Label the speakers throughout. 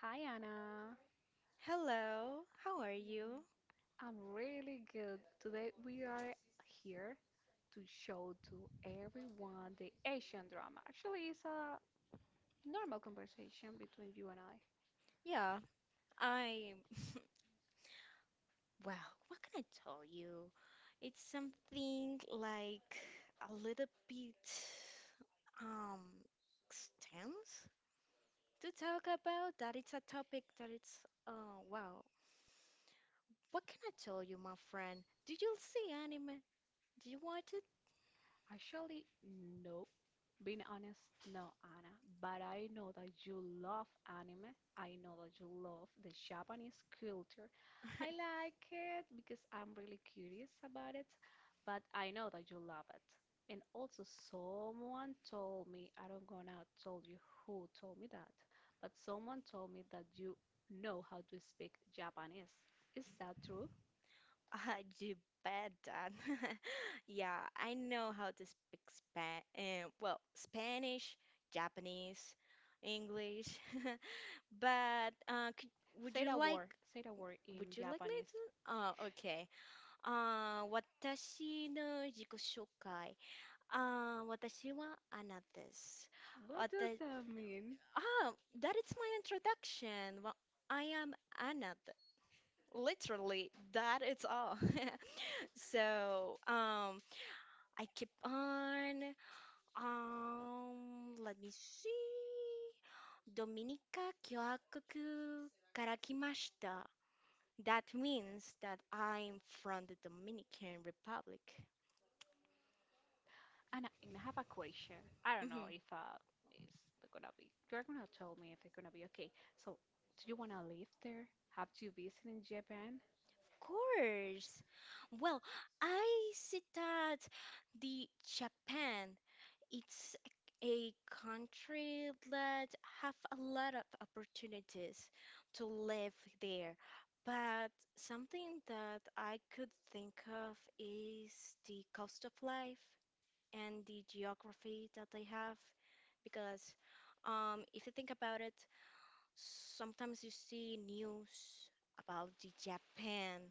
Speaker 1: Hi Anna,
Speaker 2: Hello, how are you?
Speaker 1: I'm really good. Today we are here to show to everyone the Asian drama. Actually, it's a normal conversation between you and I.
Speaker 2: Yeah, I. Well, what can I tell you? It's something like a little bit um extensive to talk about. That it's a topic that it's wow. What can I tell you, my friend? Do you see anime? Do you watch
Speaker 1: Actually, no. Being honest, no, Anna, but I know that you love anime. I know that you love the Japanese culture. I
Speaker 2: it?
Speaker 1: like it because I'm really curious about it, but I know that you love it. And also, someone told me, I don't gonna tell you who told me that, but someone told me that you know how to speak Japanese. Is that true?
Speaker 2: I do bet that. Yeah, I know how to speak Spa well, Spanish, Japanese, English. But could, would
Speaker 1: Say
Speaker 2: you
Speaker 1: that
Speaker 2: like
Speaker 1: word. Say that word in
Speaker 2: would you like me
Speaker 1: Japanese.
Speaker 2: to? Okay. 私の自己紹介。
Speaker 1: What does
Speaker 2: 私はあなたです。わた、ah,
Speaker 1: that mean?
Speaker 2: that is my introduction. Well, I am Anna. Literally, that is all. So, I keep on. Let me see. ドミニカ共和国から来ました。That means that I'm from the Dominican Republic.
Speaker 1: And I have a question. I don't know
Speaker 2: Mhm. Of
Speaker 1: if it's gonna be. You're gonna tell me if it's gonna be okay. So, do you wanna live there? Have you visited in Japan?
Speaker 2: course. Well, I see that the Japan it's a country that have a lot of opportunities to live there. But something that I could think of is the cost of life and the geography that they have, because if you think about it, sometimes you see news about the Japan,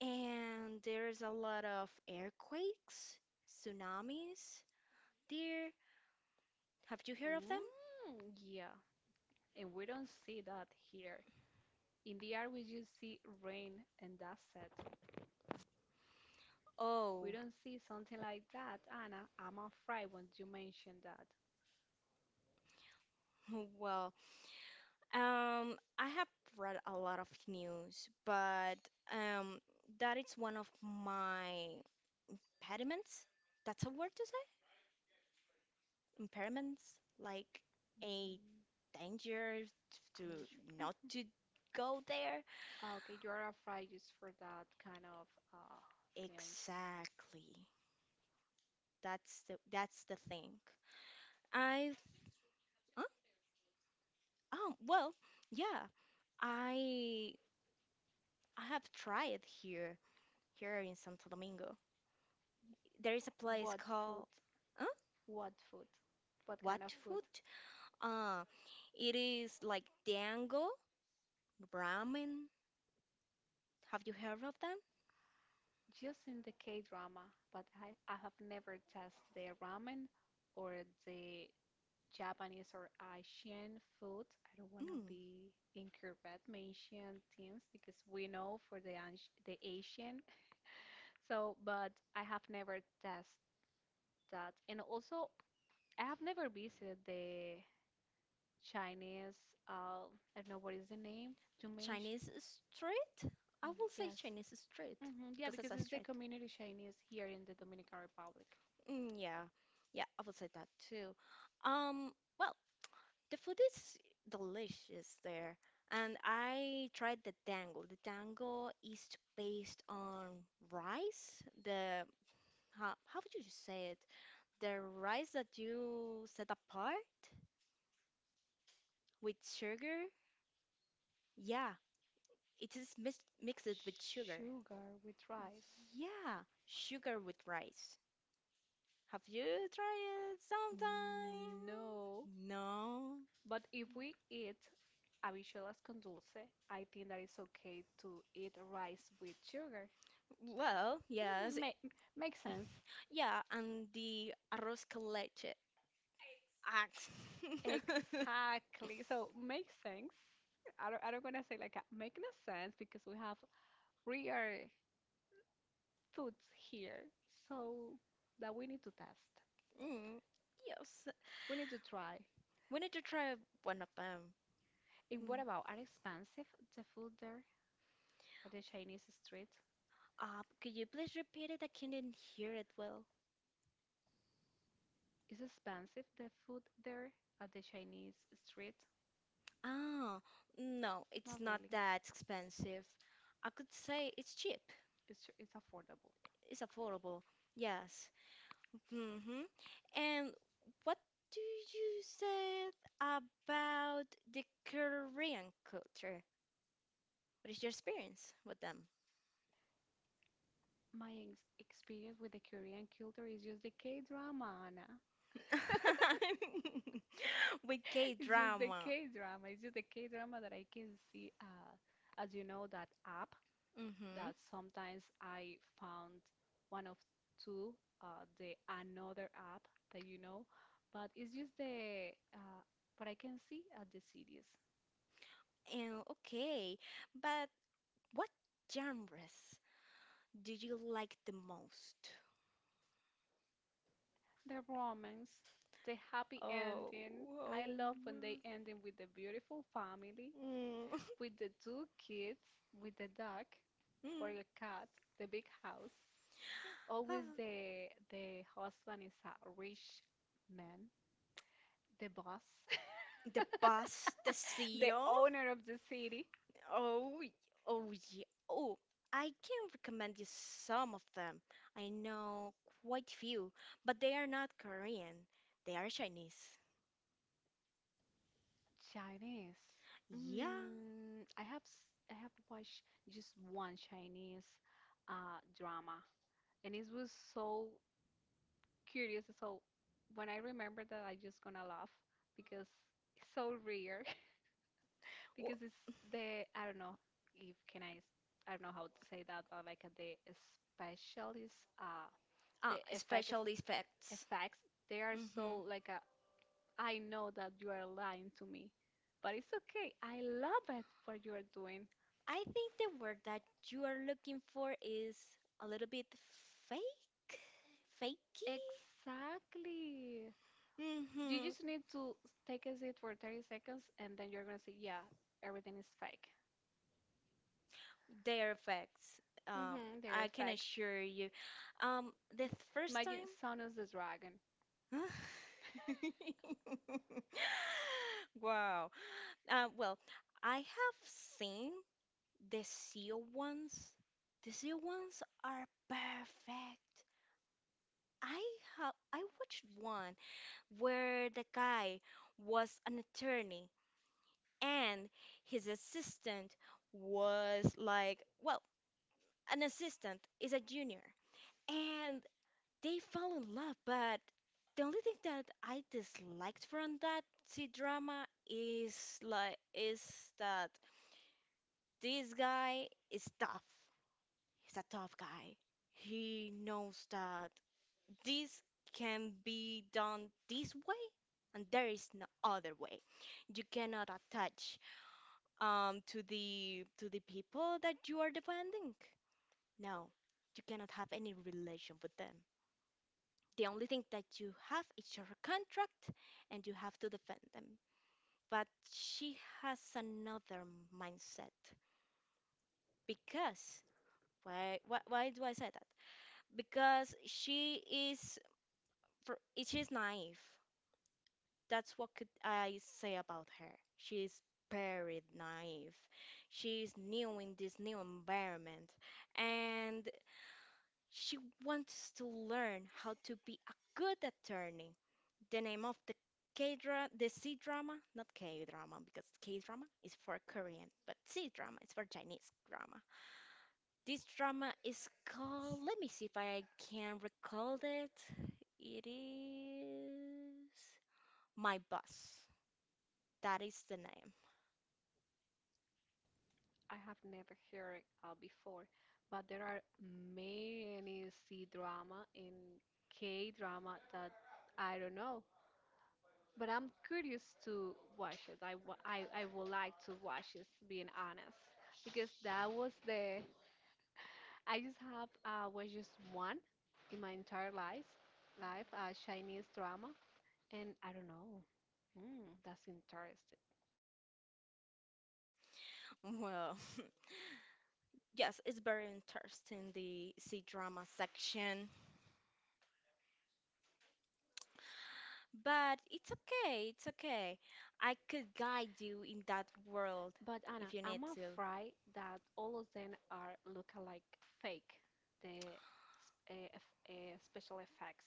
Speaker 2: and there's a lot of earthquakes, tsunamis there. Have you heard of them?
Speaker 1: Mm, yeah. And we don't see that here. In the art, we just see rain and that's it. We
Speaker 2: Oh.
Speaker 1: don't see something like that, Anna. I'm afraid when you mention that.
Speaker 2: Well, I have read a lot of news, but um, that is one of my impediments. That's a word to say? Impairments, like a
Speaker 1: Mm,
Speaker 2: danger
Speaker 1: I'm not
Speaker 2: to
Speaker 1: sure.
Speaker 2: not to go there.
Speaker 1: Ah, okay, you are afraid just for that kind of uh things.
Speaker 2: Exactly. That's the thing. I. Huh? Oh, well, yeah. I I have tried here in Santo Domingo. There is a place
Speaker 1: What food?
Speaker 2: called. Huh?
Speaker 1: What food? What
Speaker 2: What
Speaker 1: kind of food?
Speaker 2: food? Uh, it is like dango ramen. Have you heard of them?
Speaker 1: Just in the K drama, but I have never tasted the ramen or the Japanese or Asian food. I don't want to
Speaker 2: Mm.
Speaker 1: be incorrect mentioning things because we know for the the Asian. So, but I have never tasted that, and also I have never visited the Chinese, uh, I don't know what is the name, to make.
Speaker 2: Chinese street? I will say
Speaker 1: Yes.
Speaker 2: Chinese street
Speaker 1: Hmm, yeah,
Speaker 2: because it's
Speaker 1: because
Speaker 2: a
Speaker 1: it's the
Speaker 2: street.
Speaker 1: community Chinese here in the Dominican Republic.
Speaker 2: Mm, yeah, yeah, I would say that too. Um, well. The food is delicious there, and I tried the dango. The dango is based on rice. How would you say it? The rice that you set apart with sugar. Yeah, it is mis mixed with sugar.
Speaker 1: Sugar with rice.
Speaker 2: Yeah, sugar with rice. Have you tried it
Speaker 1: No,
Speaker 2: sometime? No.
Speaker 1: but if we eat habichuelas con dulce, I think that it's okay to eat rice with sugar.
Speaker 2: Well, yes.
Speaker 1: Mhm, makes sense.
Speaker 2: Yeah, and the arroz con leche. Axe.
Speaker 1: Exactly. So make sense. I don't want to say like a, make no sense because we have real foods here. So that we need to test.
Speaker 2: Mm, yes.
Speaker 1: We need to try.
Speaker 2: We need to try one of them.
Speaker 1: And what
Speaker 2: Mm.
Speaker 1: about are expensive the food there at the Chinese street?
Speaker 2: Could you please repeat it? I couldn't hear it well.
Speaker 1: Is expensive the food there at the Chinese street?
Speaker 2: Ah, no, it's
Speaker 1: Not
Speaker 2: not
Speaker 1: really.
Speaker 2: that expensive. I could say it's cheap.
Speaker 1: It's, it's affordable.
Speaker 2: It's affordable. Yes. Mm-hmm. And what do you say about the Korean culture? What is your experience with them?
Speaker 1: My experience with the Korean culture is just the K-drama, Anna.
Speaker 2: With K
Speaker 1: It's just the
Speaker 2: drama.
Speaker 1: K drama. It's just the K drama that I can see. As you know, that app
Speaker 2: Mm-hmm.
Speaker 1: that sometimes I found one of two, the another app that you know, but it's just the what I can see at the series,
Speaker 2: And okay, but what genres do you like the most?
Speaker 1: the romance, the happy
Speaker 2: Oh,
Speaker 1: ending. I
Speaker 2: oh
Speaker 1: love when they
Speaker 2: my.
Speaker 1: ending with the beautiful family,
Speaker 2: Mm.
Speaker 1: with the two kids, with the dog or
Speaker 2: Mm.
Speaker 1: the cat, the big house. Always
Speaker 2: Ah.
Speaker 1: the husband is a rich man, the boss,
Speaker 2: The bus, the seal.
Speaker 1: owner of the city.
Speaker 2: Oh, oh, yeah. Oh, I can recommend you some of them. I know quite few, but they are not Korean. They are Chinese.
Speaker 1: Chinese. Yeah.
Speaker 2: Yeah.
Speaker 1: Mm, I have watched just one Chinese drama, and it was so curious. So when I remember that, I just gonna laugh because it's so real. Because it's the I don't know if can I s- I don't know how to say that, but like the specialist the effects
Speaker 2: Special effects.
Speaker 1: effects they are
Speaker 2: hmm
Speaker 1: so like I know that you are lying to me, but it's okay. I love it what you are doing.
Speaker 2: I think the word that you are looking for is a little bit fake, fakey.
Speaker 1: Exactly. You
Speaker 2: hmm
Speaker 1: just need to take a seat for 30 seconds and then you're gonna say, yeah, everything is fake.
Speaker 2: They are facts. Um,
Speaker 1: Mm-hmm, they're
Speaker 2: I can
Speaker 1: effects.
Speaker 2: assure you. Um, the first
Speaker 1: Imagine
Speaker 2: time.
Speaker 1: Son of the Dragon.
Speaker 2: Wow. Well, I have seen the seal ones, the seal ones are perfect. I I watched one where the guy was an attorney, and his assistant was like, well, an assistant is a junior. And they fell in love, but the only thing that I disliked from that C drama is that this guy is tough. He's a tough guy. He knows that this can be done this way, and there is no other way. You cannot attach to the people that you are defending. No, you cannot have any relation with them. The only thing that you have is your contract, and you have to defend them. But she has another mindset, because why do I say that? Because she is for she's naive. That's what could I say about her. She's very naive. She's new in this new environment, and she wants to learn how to be a good attorney. The name of the K drama, the C drama, not K drama because K drama is for Korean, but C drama is for Chinese drama. This drama is called, let me see if I can recall it. It is. My Boss. That is the name.
Speaker 1: I have never heard before, but there are many C drama and K drama that I don't know. But I'm curious to watch it. I would like to watch it, being honest, because that was the I just have was just one in my entire life, life Chinese drama, and I don't know. Mm, that's interesting.
Speaker 2: Well, yes, it's very interesting, the C drama section, but it's okay. It's okay. I could guide you in that world
Speaker 1: But Anna,
Speaker 2: if you need
Speaker 1: I'm
Speaker 2: to.
Speaker 1: afraid that all of them are look-alike fake, the special effects.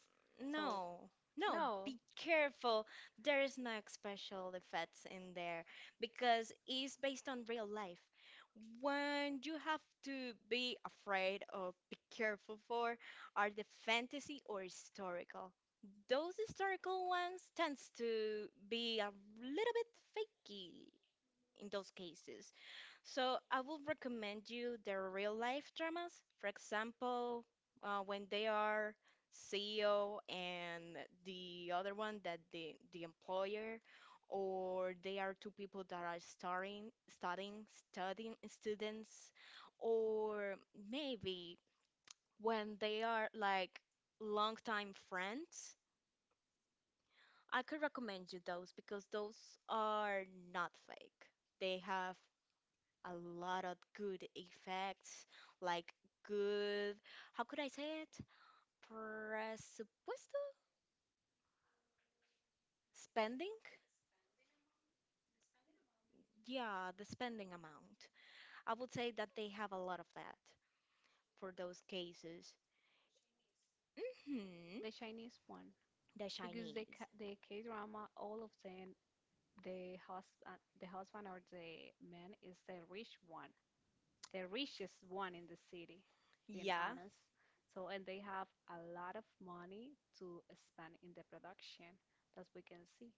Speaker 1: So,
Speaker 2: No, no,
Speaker 1: no,
Speaker 2: be careful. There is no special effects in there because it's based on real life. When you have to be afraid or be careful for are the fantasy or historical. Those historical ones tends to be a little bit fakey in those cases. So I would recommend you the real life dramas. For example, when they are CEO and the other one that the employer, or they are two people that are studying students, or maybe when they are like longtime friends, I could recommend you those because those are not fake. They have a lot of good effects, like good, how could I say it? Presupuesto? Spending? Yeah, the spending amount. I would say that they have a lot of that for those cases. Hmm,
Speaker 1: the Chinese one,
Speaker 2: the
Speaker 1: because
Speaker 2: Chinese.
Speaker 1: the K-drama, all of them, the husband or the man is the rich one, the richest one in the city, being
Speaker 2: Yeah.
Speaker 1: honest. So, and they have a lot of money to spend in the production, that we can see.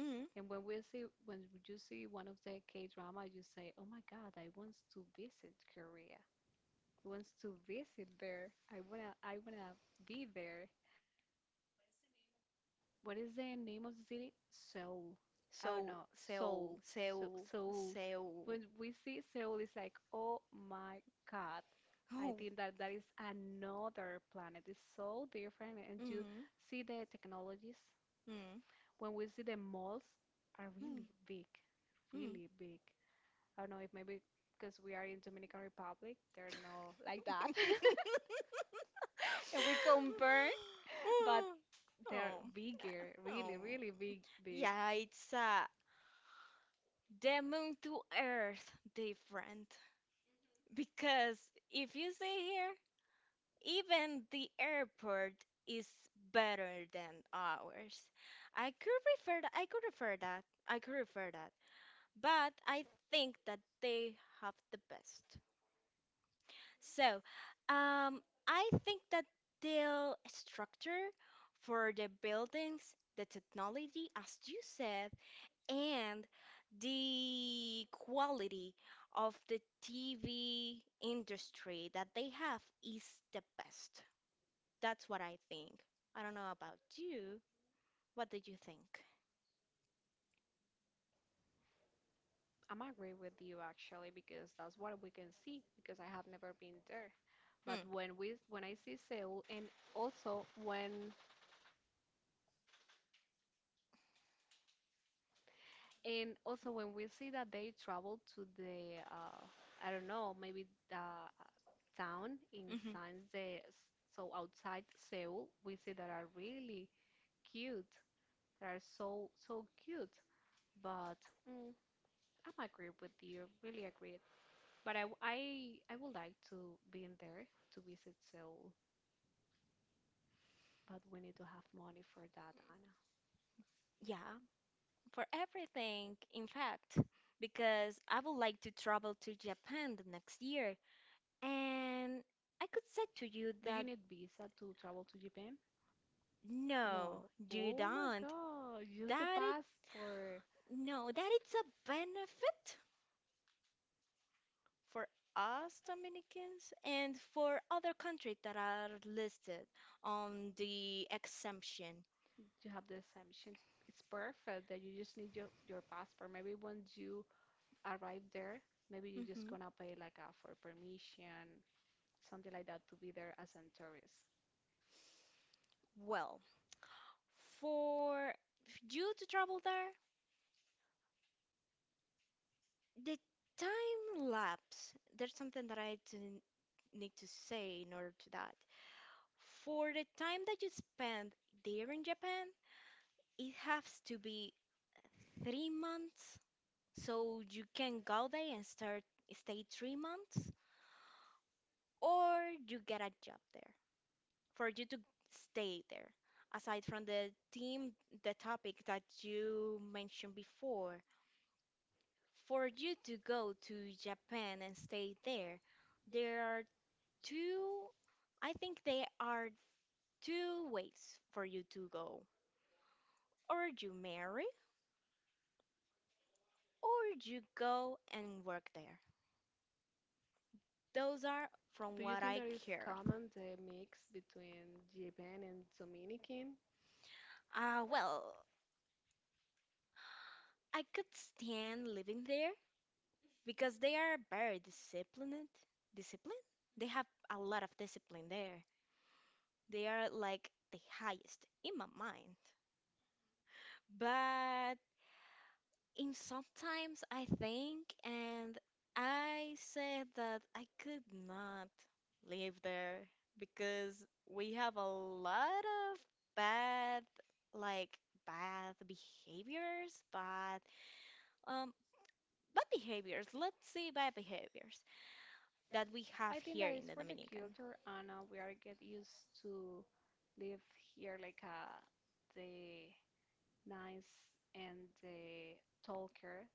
Speaker 2: Mm.
Speaker 1: And when we see, when you see one of the K drama, you say, "Oh my God, I want to visit Korea. I want to visit there. I wanna be there." What is the name of the city? Seoul. I don't
Speaker 2: So,
Speaker 1: know.
Speaker 2: Seoul,
Speaker 1: Seoul. So
Speaker 2: Seoul,
Speaker 1: Seoul.
Speaker 2: Seoul.
Speaker 1: When we see Seoul, it's like, oh my God. I
Speaker 2: Oh.
Speaker 1: think that that is another planet. It's so different, and you
Speaker 2: Mm,
Speaker 1: see the technologies.
Speaker 2: mm,
Speaker 1: When we see the malls are
Speaker 2: mm,
Speaker 1: really big,
Speaker 2: mm.
Speaker 1: really big. I don't know if maybe because we are in Dominican Republic, they're not like that. And we compare but
Speaker 2: Oh,
Speaker 1: they're
Speaker 2: oh,
Speaker 1: bigger, really,
Speaker 2: oh.
Speaker 1: really big, big.
Speaker 2: Yeah, it's a demon to earth different. Because if you see here, even the airport is better than ours. I could refer that. I could refer that. I could refer that. But I think that they have the best. So, um, I think that their structure for the buildings, the technology, as you said, and the quality of the TV industry that they have is the best. That's what I think. I don't know about you. What do you think?
Speaker 1: I'm agree with you actually because that's what we can see because I have never been there. But
Speaker 2: Hmm.
Speaker 1: when we when I see Seoul also when and also when we see that they travel to the I don't know maybe the town in
Speaker 2: Mhm.
Speaker 1: signs the so outside Seoul we see that are really cute. They are so so cute. But mm, I'm agree with you, really agreed. But I would like to be in there to visit Seoul, but we need to have money for that, Anna.
Speaker 2: Yeah, for everything, in fact, because I would like to travel to Japan the next year. And I could say to you
Speaker 1: Do you
Speaker 2: that
Speaker 1: need visa to travel to Japan?
Speaker 2: no,
Speaker 1: No.
Speaker 2: do
Speaker 1: Oh my
Speaker 2: not.
Speaker 1: God, use the
Speaker 2: That it
Speaker 1: passport.
Speaker 2: no, that it's a benefit for us Dominicans and for other countries that are listed on the exemption.
Speaker 1: You have the exemption. It's perfect that you just need your passport. Maybe once you arrive there, maybe you're just
Speaker 2: hmm
Speaker 1: gonna pay like a for permission, something like that to be there as a tourist.
Speaker 2: Well, for you to travel there? The time lapse, there's something that I didn't need to say in order to that. For the time that you spend there in Japan, it has to be 3 months. So you can go there and start stay 3 months, or you get a job there for you to stay there. Aside from the theme, the topic that you mentioned before, for you to go to Japan and stay there, there are two, I think there are two ways for you to go. Or you marry, or you go and work there. Those are from
Speaker 1: Do you
Speaker 2: what
Speaker 1: think
Speaker 2: I
Speaker 1: that is
Speaker 2: heard.
Speaker 1: common the mix between Japan and Dominican?
Speaker 2: Ah, well, I could stand living there because they are very disciplined. Discipline? They have a lot of discipline there. They are like the highest in my mind. But in sometimes I think, and I said that I could not live there because we have a lot of bad, like bad behaviors, bad, um, bad behaviors. Let's say bad behaviors that we have
Speaker 1: I think
Speaker 2: here
Speaker 1: that is
Speaker 2: in the
Speaker 1: for the
Speaker 2: Dominican.
Speaker 1: culture, and we are get used to live here like the nice and talker.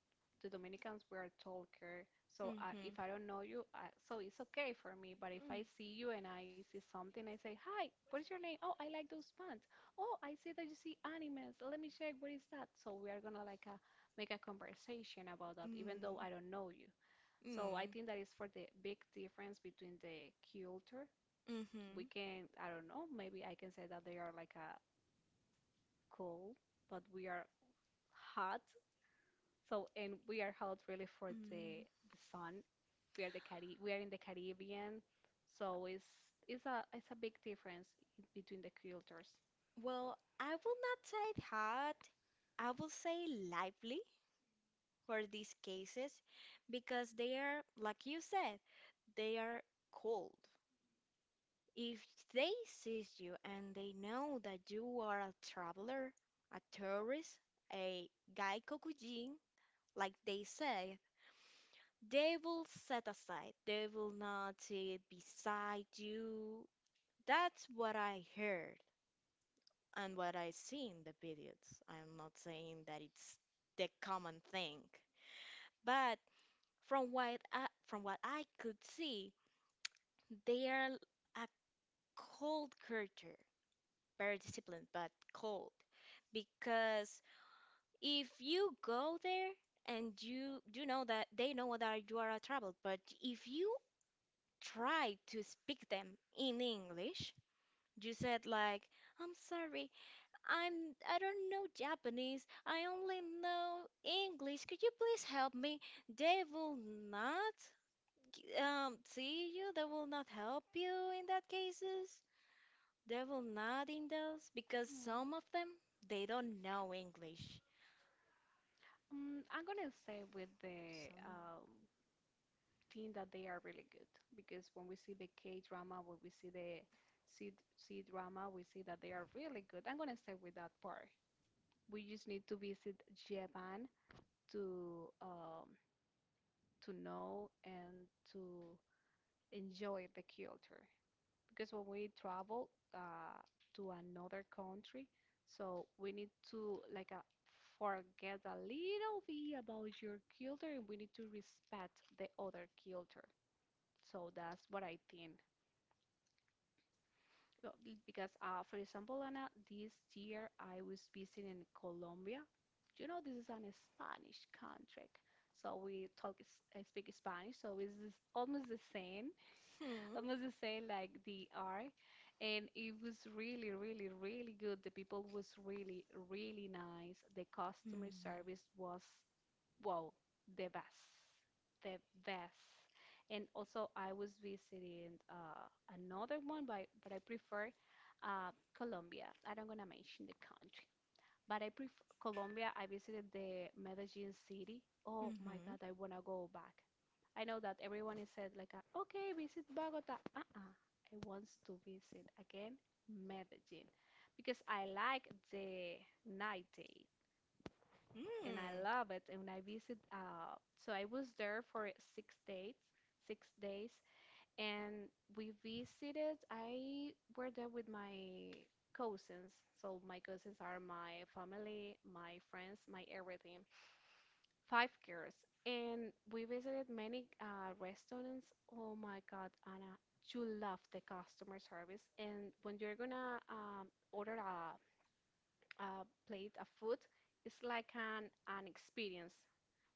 Speaker 1: The Dominicans were talker. So I,
Speaker 2: Mm-hmm.
Speaker 1: if I don't know you, I, so it's okay for me. But if
Speaker 2: Mm.
Speaker 1: I see you and I see something, I say, "Hi, what is your name? Oh, I like those pants. Oh, I see that you see animes. Let me check. What is that?" So we are gonna like a, make a conversation about that, even though
Speaker 2: Mm,
Speaker 1: I don't know you. So I
Speaker 2: mm,
Speaker 1: think that is for the big difference between the culture we
Speaker 2: mm-hmm,
Speaker 1: can I don't know, maybe I can say that they are like a cool, but we are hot. So and we are hot really for the
Speaker 2: mm.
Speaker 1: the sun. We are in the Caribbean, so it's a big difference between the cultures.
Speaker 2: Well, I will not say hot. I will say lively for these cases because they are, like you said, they are cold. If they seize you and they know that you are a traveler, a tourist, a gaikokujin, like they say, they will set aside. They will not sit beside you. That's what I heard and what I see in the videos. I'm not saying that it's the common thing, but from what I could see, they are a cold culture. Very disciplined but cold, because if you go there and you know that they know that you are a trouble, but if you try to speak them in English, you said like, I'm sorry, i'm I don't know Japanese, I only know English, could you please help me? They will not see you, they will not help you in that cases. They will not in those, because some of them they don't know English.
Speaker 1: I'm gonna say with the
Speaker 2: Some.
Speaker 1: team that they are really good because when we see the K drama, when we see the C drama, we see that they are really good. I'm gonna say with that part. We just need to visit Japan to um, to know and to enjoy the culture. Because when we travel to another country, so we need to like forget a little bit about your culture and we need to respect the other culture. So that's what I think. So, because, for example, Anna, this year I was visiting Colombia. You know, this is an Spanish country, so we talk, speak Spanish, so it's almost the same.
Speaker 2: hmm.
Speaker 1: Almost the say, like the R, and it was really, really, really good. The people was really, really nice. The customer
Speaker 2: Hmm.
Speaker 1: service was, wow, the best, the best. And also, I was visiting another one, but I prefer uh, Colombia. I don't gonna mention the country. But I prefer Colombia. I visited the Medellin city. Oh my
Speaker 2: Mhm.
Speaker 1: God, I wanna go back. I know that everyone is said like, okay, visit Bogota. Uh-uh. I want to visit again Medellin because I like the night day and I
Speaker 2: Hmm.
Speaker 1: love it. And I visit, so I was there for 6 days, 6 days, and we visited. I were there with my cousins, so my cousins are my family, my friends, my everything. Five girls, and we visited many restaurants. Oh my God, Anna, you love the customer service, and when you're gonna order a plate of food, it's like an experience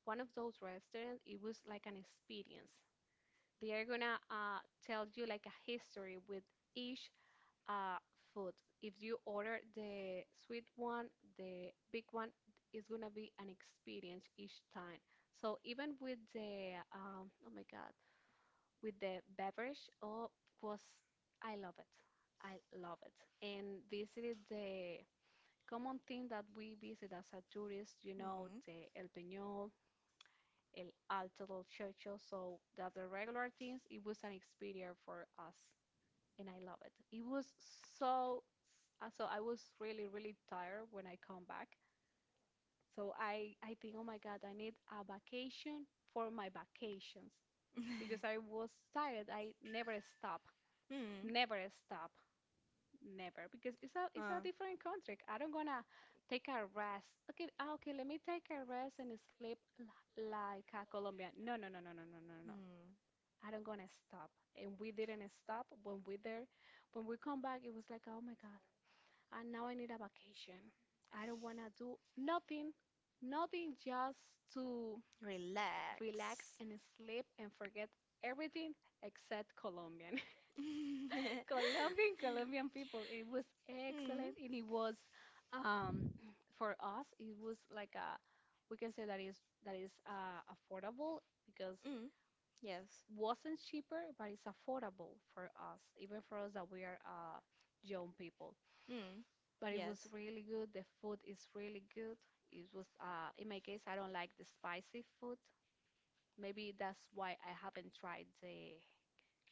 Speaker 1: one of those restaurants, it was like an experience. They are gonna tell you like a history with each uh, food. If you order the sweet one, the big one is gonna be an experience each time. So even with the oh my god, with the beverage, oh was I love it. I love it. And visited the common thing that we visit as a tourist, you know,
Speaker 2: Hmm.
Speaker 1: the El Peñol, El Alto del Chocho. So that the regular teams, it was an experience for us, and I love it. It was so so I was really really tired when I come back. So I think, oh my God, I need a vacation for my vacations because I was tired. I never stop,
Speaker 2: Hmm.
Speaker 1: never stop, never because it's a
Speaker 2: Uh.
Speaker 1: different country. I don't gonna take a rest. Okay, okay, let me take a rest and sleep like a Colombian. No, no, no, no, no, no, no, no, no.
Speaker 2: Hmm.
Speaker 1: I don't gonna stop. And we didn't stop when we there. When we come back, it was like, oh my God, and now I need a vacation. I don't wanna do nothing, nothing, just to relax
Speaker 2: Relax.
Speaker 1: and sleep and forget everything except Colombian. Colombian, Colombian people. It was
Speaker 2: Hmm.
Speaker 1: excellent, and it was, um, for us, it was like a, we can say that is affordable because
Speaker 2: Mm, yes.
Speaker 1: wasn't cheaper, but it's affordable for us, even for us that we are young people.
Speaker 2: Mm,
Speaker 1: But it was
Speaker 2: yes.
Speaker 1: really good. The food is really good. It was, in my case, I don't like the spicy food. Maybe that's why I haven't tried the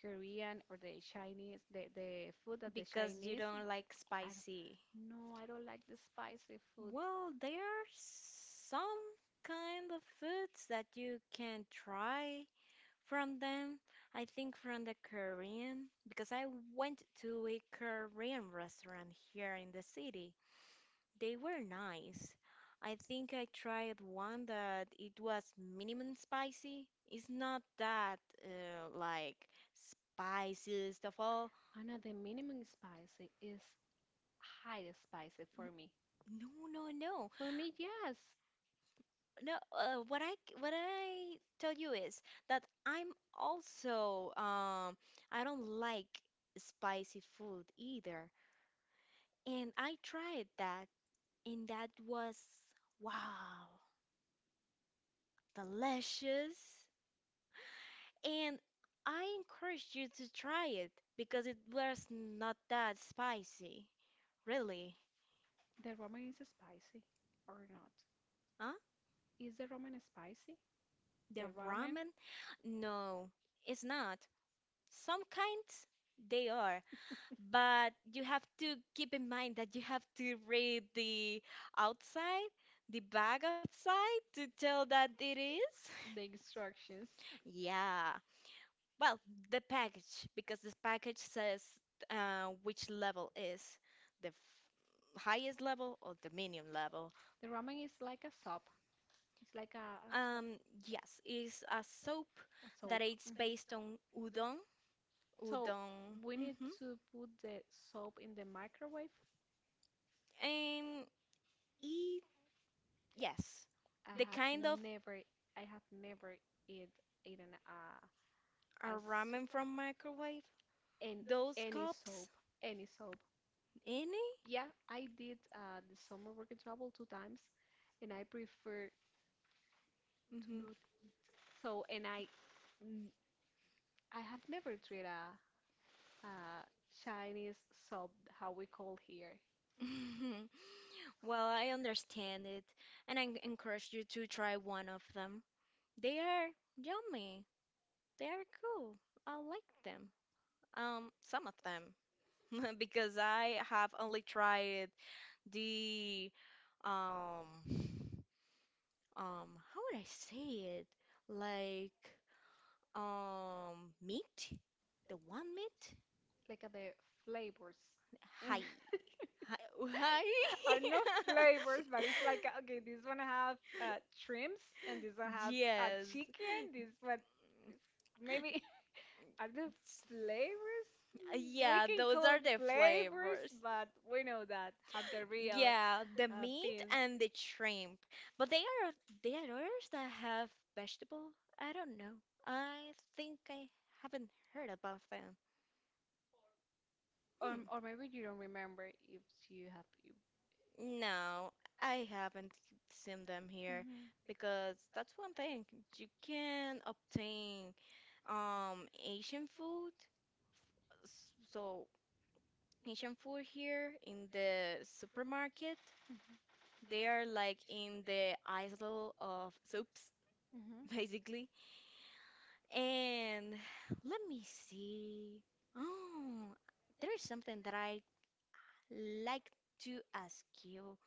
Speaker 1: Korean or the Chinese, the food that the
Speaker 2: Because you
Speaker 1: Chinese.
Speaker 2: don't like
Speaker 1: I
Speaker 2: spicy.
Speaker 1: don't, no, I don't like the spicy food.
Speaker 2: Well, there are some kind of foods that you can try from them. I think from the Korean, because I went to a Korean restaurant here in the city. They were nice. I think I tried one that it was minimum spicy. It's not that like spicy stuff all.
Speaker 1: Anna, the minimum spicy is highly spicy for me.
Speaker 2: No, no, no.
Speaker 1: For me, yes.
Speaker 2: No, what I tell you is that I'm also I don't like spicy food either. And I tried that and that was wow, delicious. And I encourage you to try it because it was not that spicy. Really?
Speaker 1: The ramen is spicy or not.
Speaker 2: Huh?
Speaker 1: Is the ramen spicy? The
Speaker 2: The
Speaker 1: ramen,
Speaker 2: ramen? No, it's not. Some kinds they are. But you have to keep in mind that you have to read the outside, the bag outside to tell that it is.
Speaker 1: the instructions.
Speaker 2: Yeah. Well, the package, because this package says which level is the highest level or the medium level.
Speaker 1: The ramen is like a soup. It's like a soup.
Speaker 2: Um, yes, it's a soap
Speaker 1: A soap.
Speaker 2: that it's
Speaker 1: Mhm.
Speaker 2: based on udon.
Speaker 1: So
Speaker 2: Udon.
Speaker 1: we need to put the soap in the microwave.
Speaker 2: And it, yes,
Speaker 1: I
Speaker 2: the kind
Speaker 1: have
Speaker 2: of
Speaker 1: never, I have never eat, eaten a,
Speaker 2: a
Speaker 1: a, so-
Speaker 2: ramen from microwave.
Speaker 1: And
Speaker 2: Those
Speaker 1: any soap,
Speaker 2: cups.
Speaker 1: any soap.
Speaker 2: Any?
Speaker 1: Yeah, I did the summer working travel two times, and I prefer to not eat. So, and I, n- I have never tried a Chinese soap, how we call here,
Speaker 2: hmm Well, I understand it, and I encourage you to try one of them. They are yummy. They are cool. I like them. Some of them, because I have only tried the um um how would I say it? Like meat, the one meat.
Speaker 1: like the flavors.
Speaker 2: Hi. Hi. Hi.
Speaker 1: Are no flavors, but it's like okay, this one have shrimps, and this one have
Speaker 2: Yes.
Speaker 1: chicken. This one maybe. Are the flavors? We
Speaker 2: Yeah,
Speaker 1: can
Speaker 2: those
Speaker 1: call
Speaker 2: are the
Speaker 1: flavors,
Speaker 2: flavors.
Speaker 1: but we know that have the real
Speaker 2: Yeah, the meat
Speaker 1: things.
Speaker 2: and the shrimp. But they are others that have vegetable. I don't know. I think I haven't heard about them.
Speaker 1: Or,
Speaker 2: Hmm.
Speaker 1: or maybe you don't remember if you have you.
Speaker 2: No, I haven't seen them here
Speaker 1: Mhm,
Speaker 2: because that's one thing. You can obtain Asian food. So Asian food here in the supermarket,
Speaker 1: mhm,
Speaker 2: they are like in the aisle of soups,
Speaker 1: mhm.
Speaker 2: basically. And let me see. Oh, there is something that I like to ask you.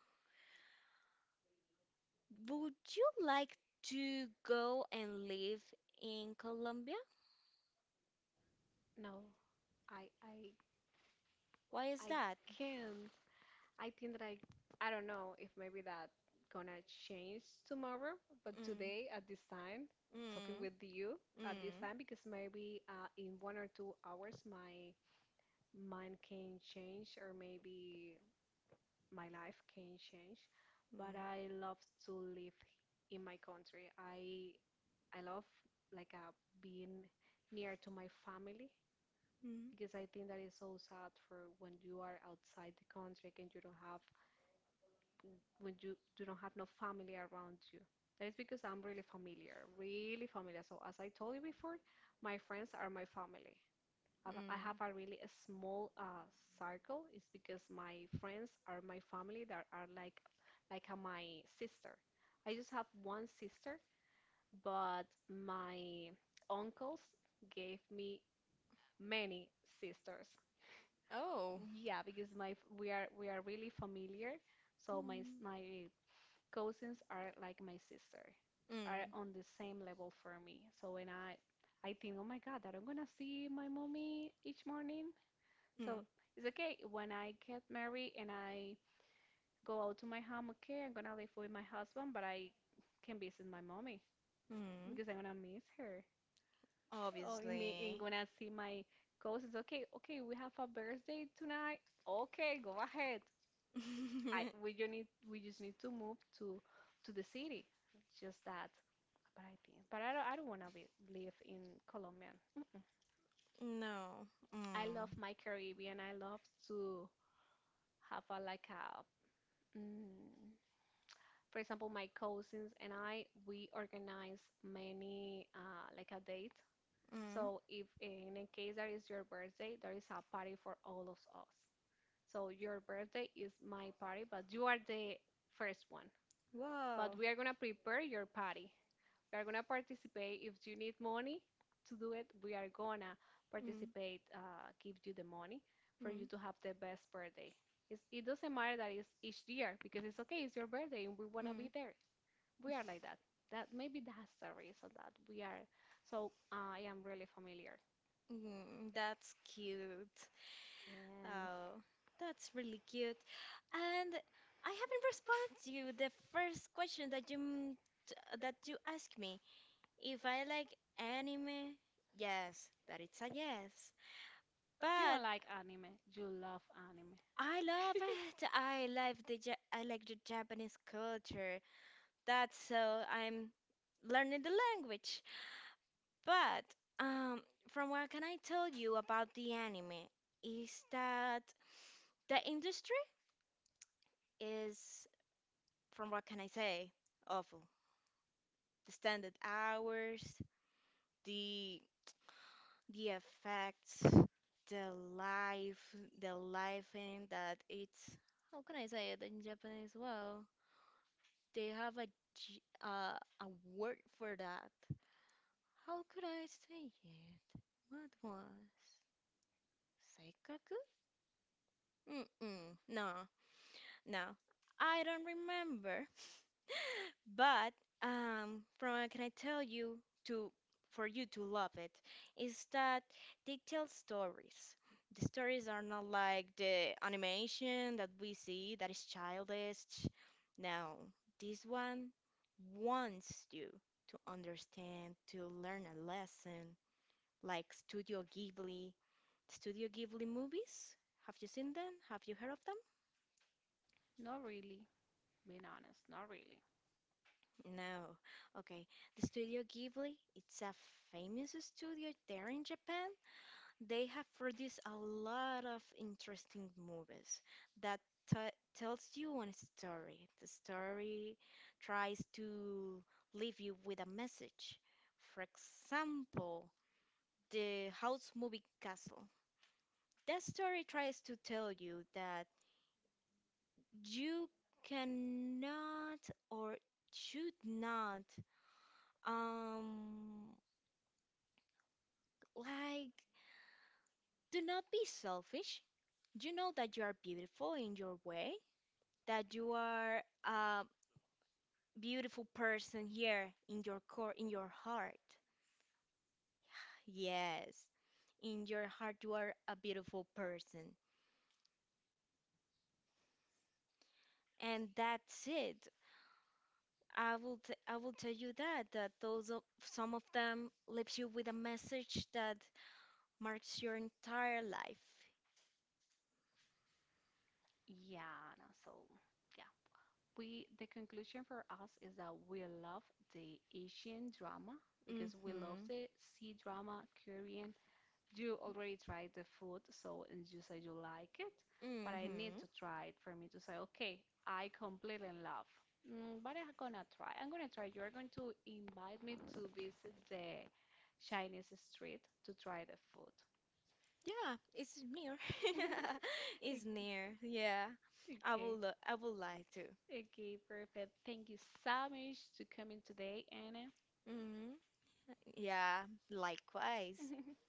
Speaker 2: Would you like to go and live in Colombia?
Speaker 1: No, I
Speaker 2: Why is
Speaker 1: I
Speaker 2: that?
Speaker 1: can't. I think that I don't know if maybe that gonna change tomorrow, but
Speaker 2: Mm.
Speaker 1: today at this time, talking
Speaker 2: Mm.
Speaker 1: with you at this
Speaker 2: Mm.
Speaker 1: time because maybe in 1 or 2 hours my mine can change or maybe my life can change, but I love to live in my country. I love like being near to my family
Speaker 2: Mm. Mm.
Speaker 1: because I think that is so sad for when you are outside the country and you don't have when you do not have no family around you. That is because I'm really familiar, really familiar. So as I told you before, my friends are my family. I have
Speaker 2: Mm.
Speaker 1: a really a small circle. It's because my friends are my family that are like like my sister. I just have one sister, but my uncles gave me many sisters.
Speaker 2: Oh.
Speaker 1: Yeah, because my f- we are really familiar, so my s-
Speaker 2: Mm.
Speaker 1: my cousins are like my sister, are
Speaker 2: Mm.
Speaker 1: on the same level for me. So when I think, oh my God, that I'm gonna see my mommy each morning, so
Speaker 2: Mm.
Speaker 1: it's okay when I get married and I go out to my home. Okay, I'm gonna live with my husband, but I can visit my mommy
Speaker 2: Mm.
Speaker 1: because I'm gonna miss her. Oh, and me and
Speaker 2: Obviously.
Speaker 1: gonna see my cousins. Okay, okay, we have a birthday tonight. Okay, go ahead. I we just need to move to the city. Just that. But I think, but I don't wanna be, live in Colombia.
Speaker 2: No.
Speaker 1: I love
Speaker 2: Mm.
Speaker 1: my Caribbean. I love to have a like a Mm, for example, my cousins and I, we organize many like a date.
Speaker 2: Mm.
Speaker 1: So if in a case that is your birthday, there is a party for all of us. So your birthday is my party, but you are the first one. But
Speaker 2: Wow.
Speaker 1: we are gonna prepare your party. We are gonna participate. If you need money to do it, we are gonna
Speaker 2: Mm.
Speaker 1: participate, give you the money for you
Speaker 2: Mm.
Speaker 1: to have the best birthday. It doesn't matter that it's each year because it's okay, it's your birthday and we wanna be
Speaker 2: Mm.
Speaker 1: there. We are like that. That maybe that's the reason that we are. So I am really familiar.
Speaker 2: Mm, that's cute.
Speaker 1: Yes.
Speaker 2: Oh, that's really cute. And I haven't responded to you the first question that t- that you asked me. If I like anime, yes, that it's a yes.
Speaker 1: You
Speaker 2: But
Speaker 1: don't like anime. You love anime.
Speaker 2: I love it. I like the Japanese culture. That's so I'm learning the language. But um, from what can I tell you about the anime is that the industry is from what can I say? Awful. The standard hours, the the effects, the life, the life in that it's how can I say it in Japanese? Well, they have a a word for that. How could I say it? What was seikaku? Mm-mm. No, no, I don't remember. But from what can I tell you to for you to love it is that they tell stories. The stories are not like the animation that we see that is childish. No, this one wants you to understand, to learn a lesson, like Studio Ghibli. Studio Ghibli movies? Have you seen them? Have you heard of them?
Speaker 1: Not really, being honest, not really.
Speaker 2: No. Okay. The Studio Ghibli, it's a famous studio there in Japan. They have produced a lot of interesting movies that t tells you one story. The story tries to leave you with a message. For example, the house movie castle. That story tries to tell you that you cannot or should not um like, do not be selfish. You know that you are beautiful in your way, that you are a beautiful person here in your core, in your heart. Yes, in your heart you are a beautiful person. And that's it. I will tell you that some of them leaves you with a message that marks your entire life.
Speaker 1: Yeah, no, so yeah. We the conclusion for us is that we love the Asian drama because we love
Speaker 2: Mhm.
Speaker 1: the sea drama, Korean. You already tried the food, so and you say you like it, but I need
Speaker 2: Mm-hmm.
Speaker 1: to try it for me to say, okay, I completely in love. But I'm gonna try. I'm gonna try. You're going to invite me to visit the Chinese street to try the food.
Speaker 2: Yeah, it's near. It's near. Yeah.
Speaker 1: Okay. I
Speaker 2: I
Speaker 1: would.
Speaker 2: would
Speaker 1: Okay.
Speaker 2: like to.
Speaker 1: Okay, perfect. Thank you so much to coming today, Anna.
Speaker 2: Mm-hmm. Yeah, likewise.
Speaker 1: Likewise.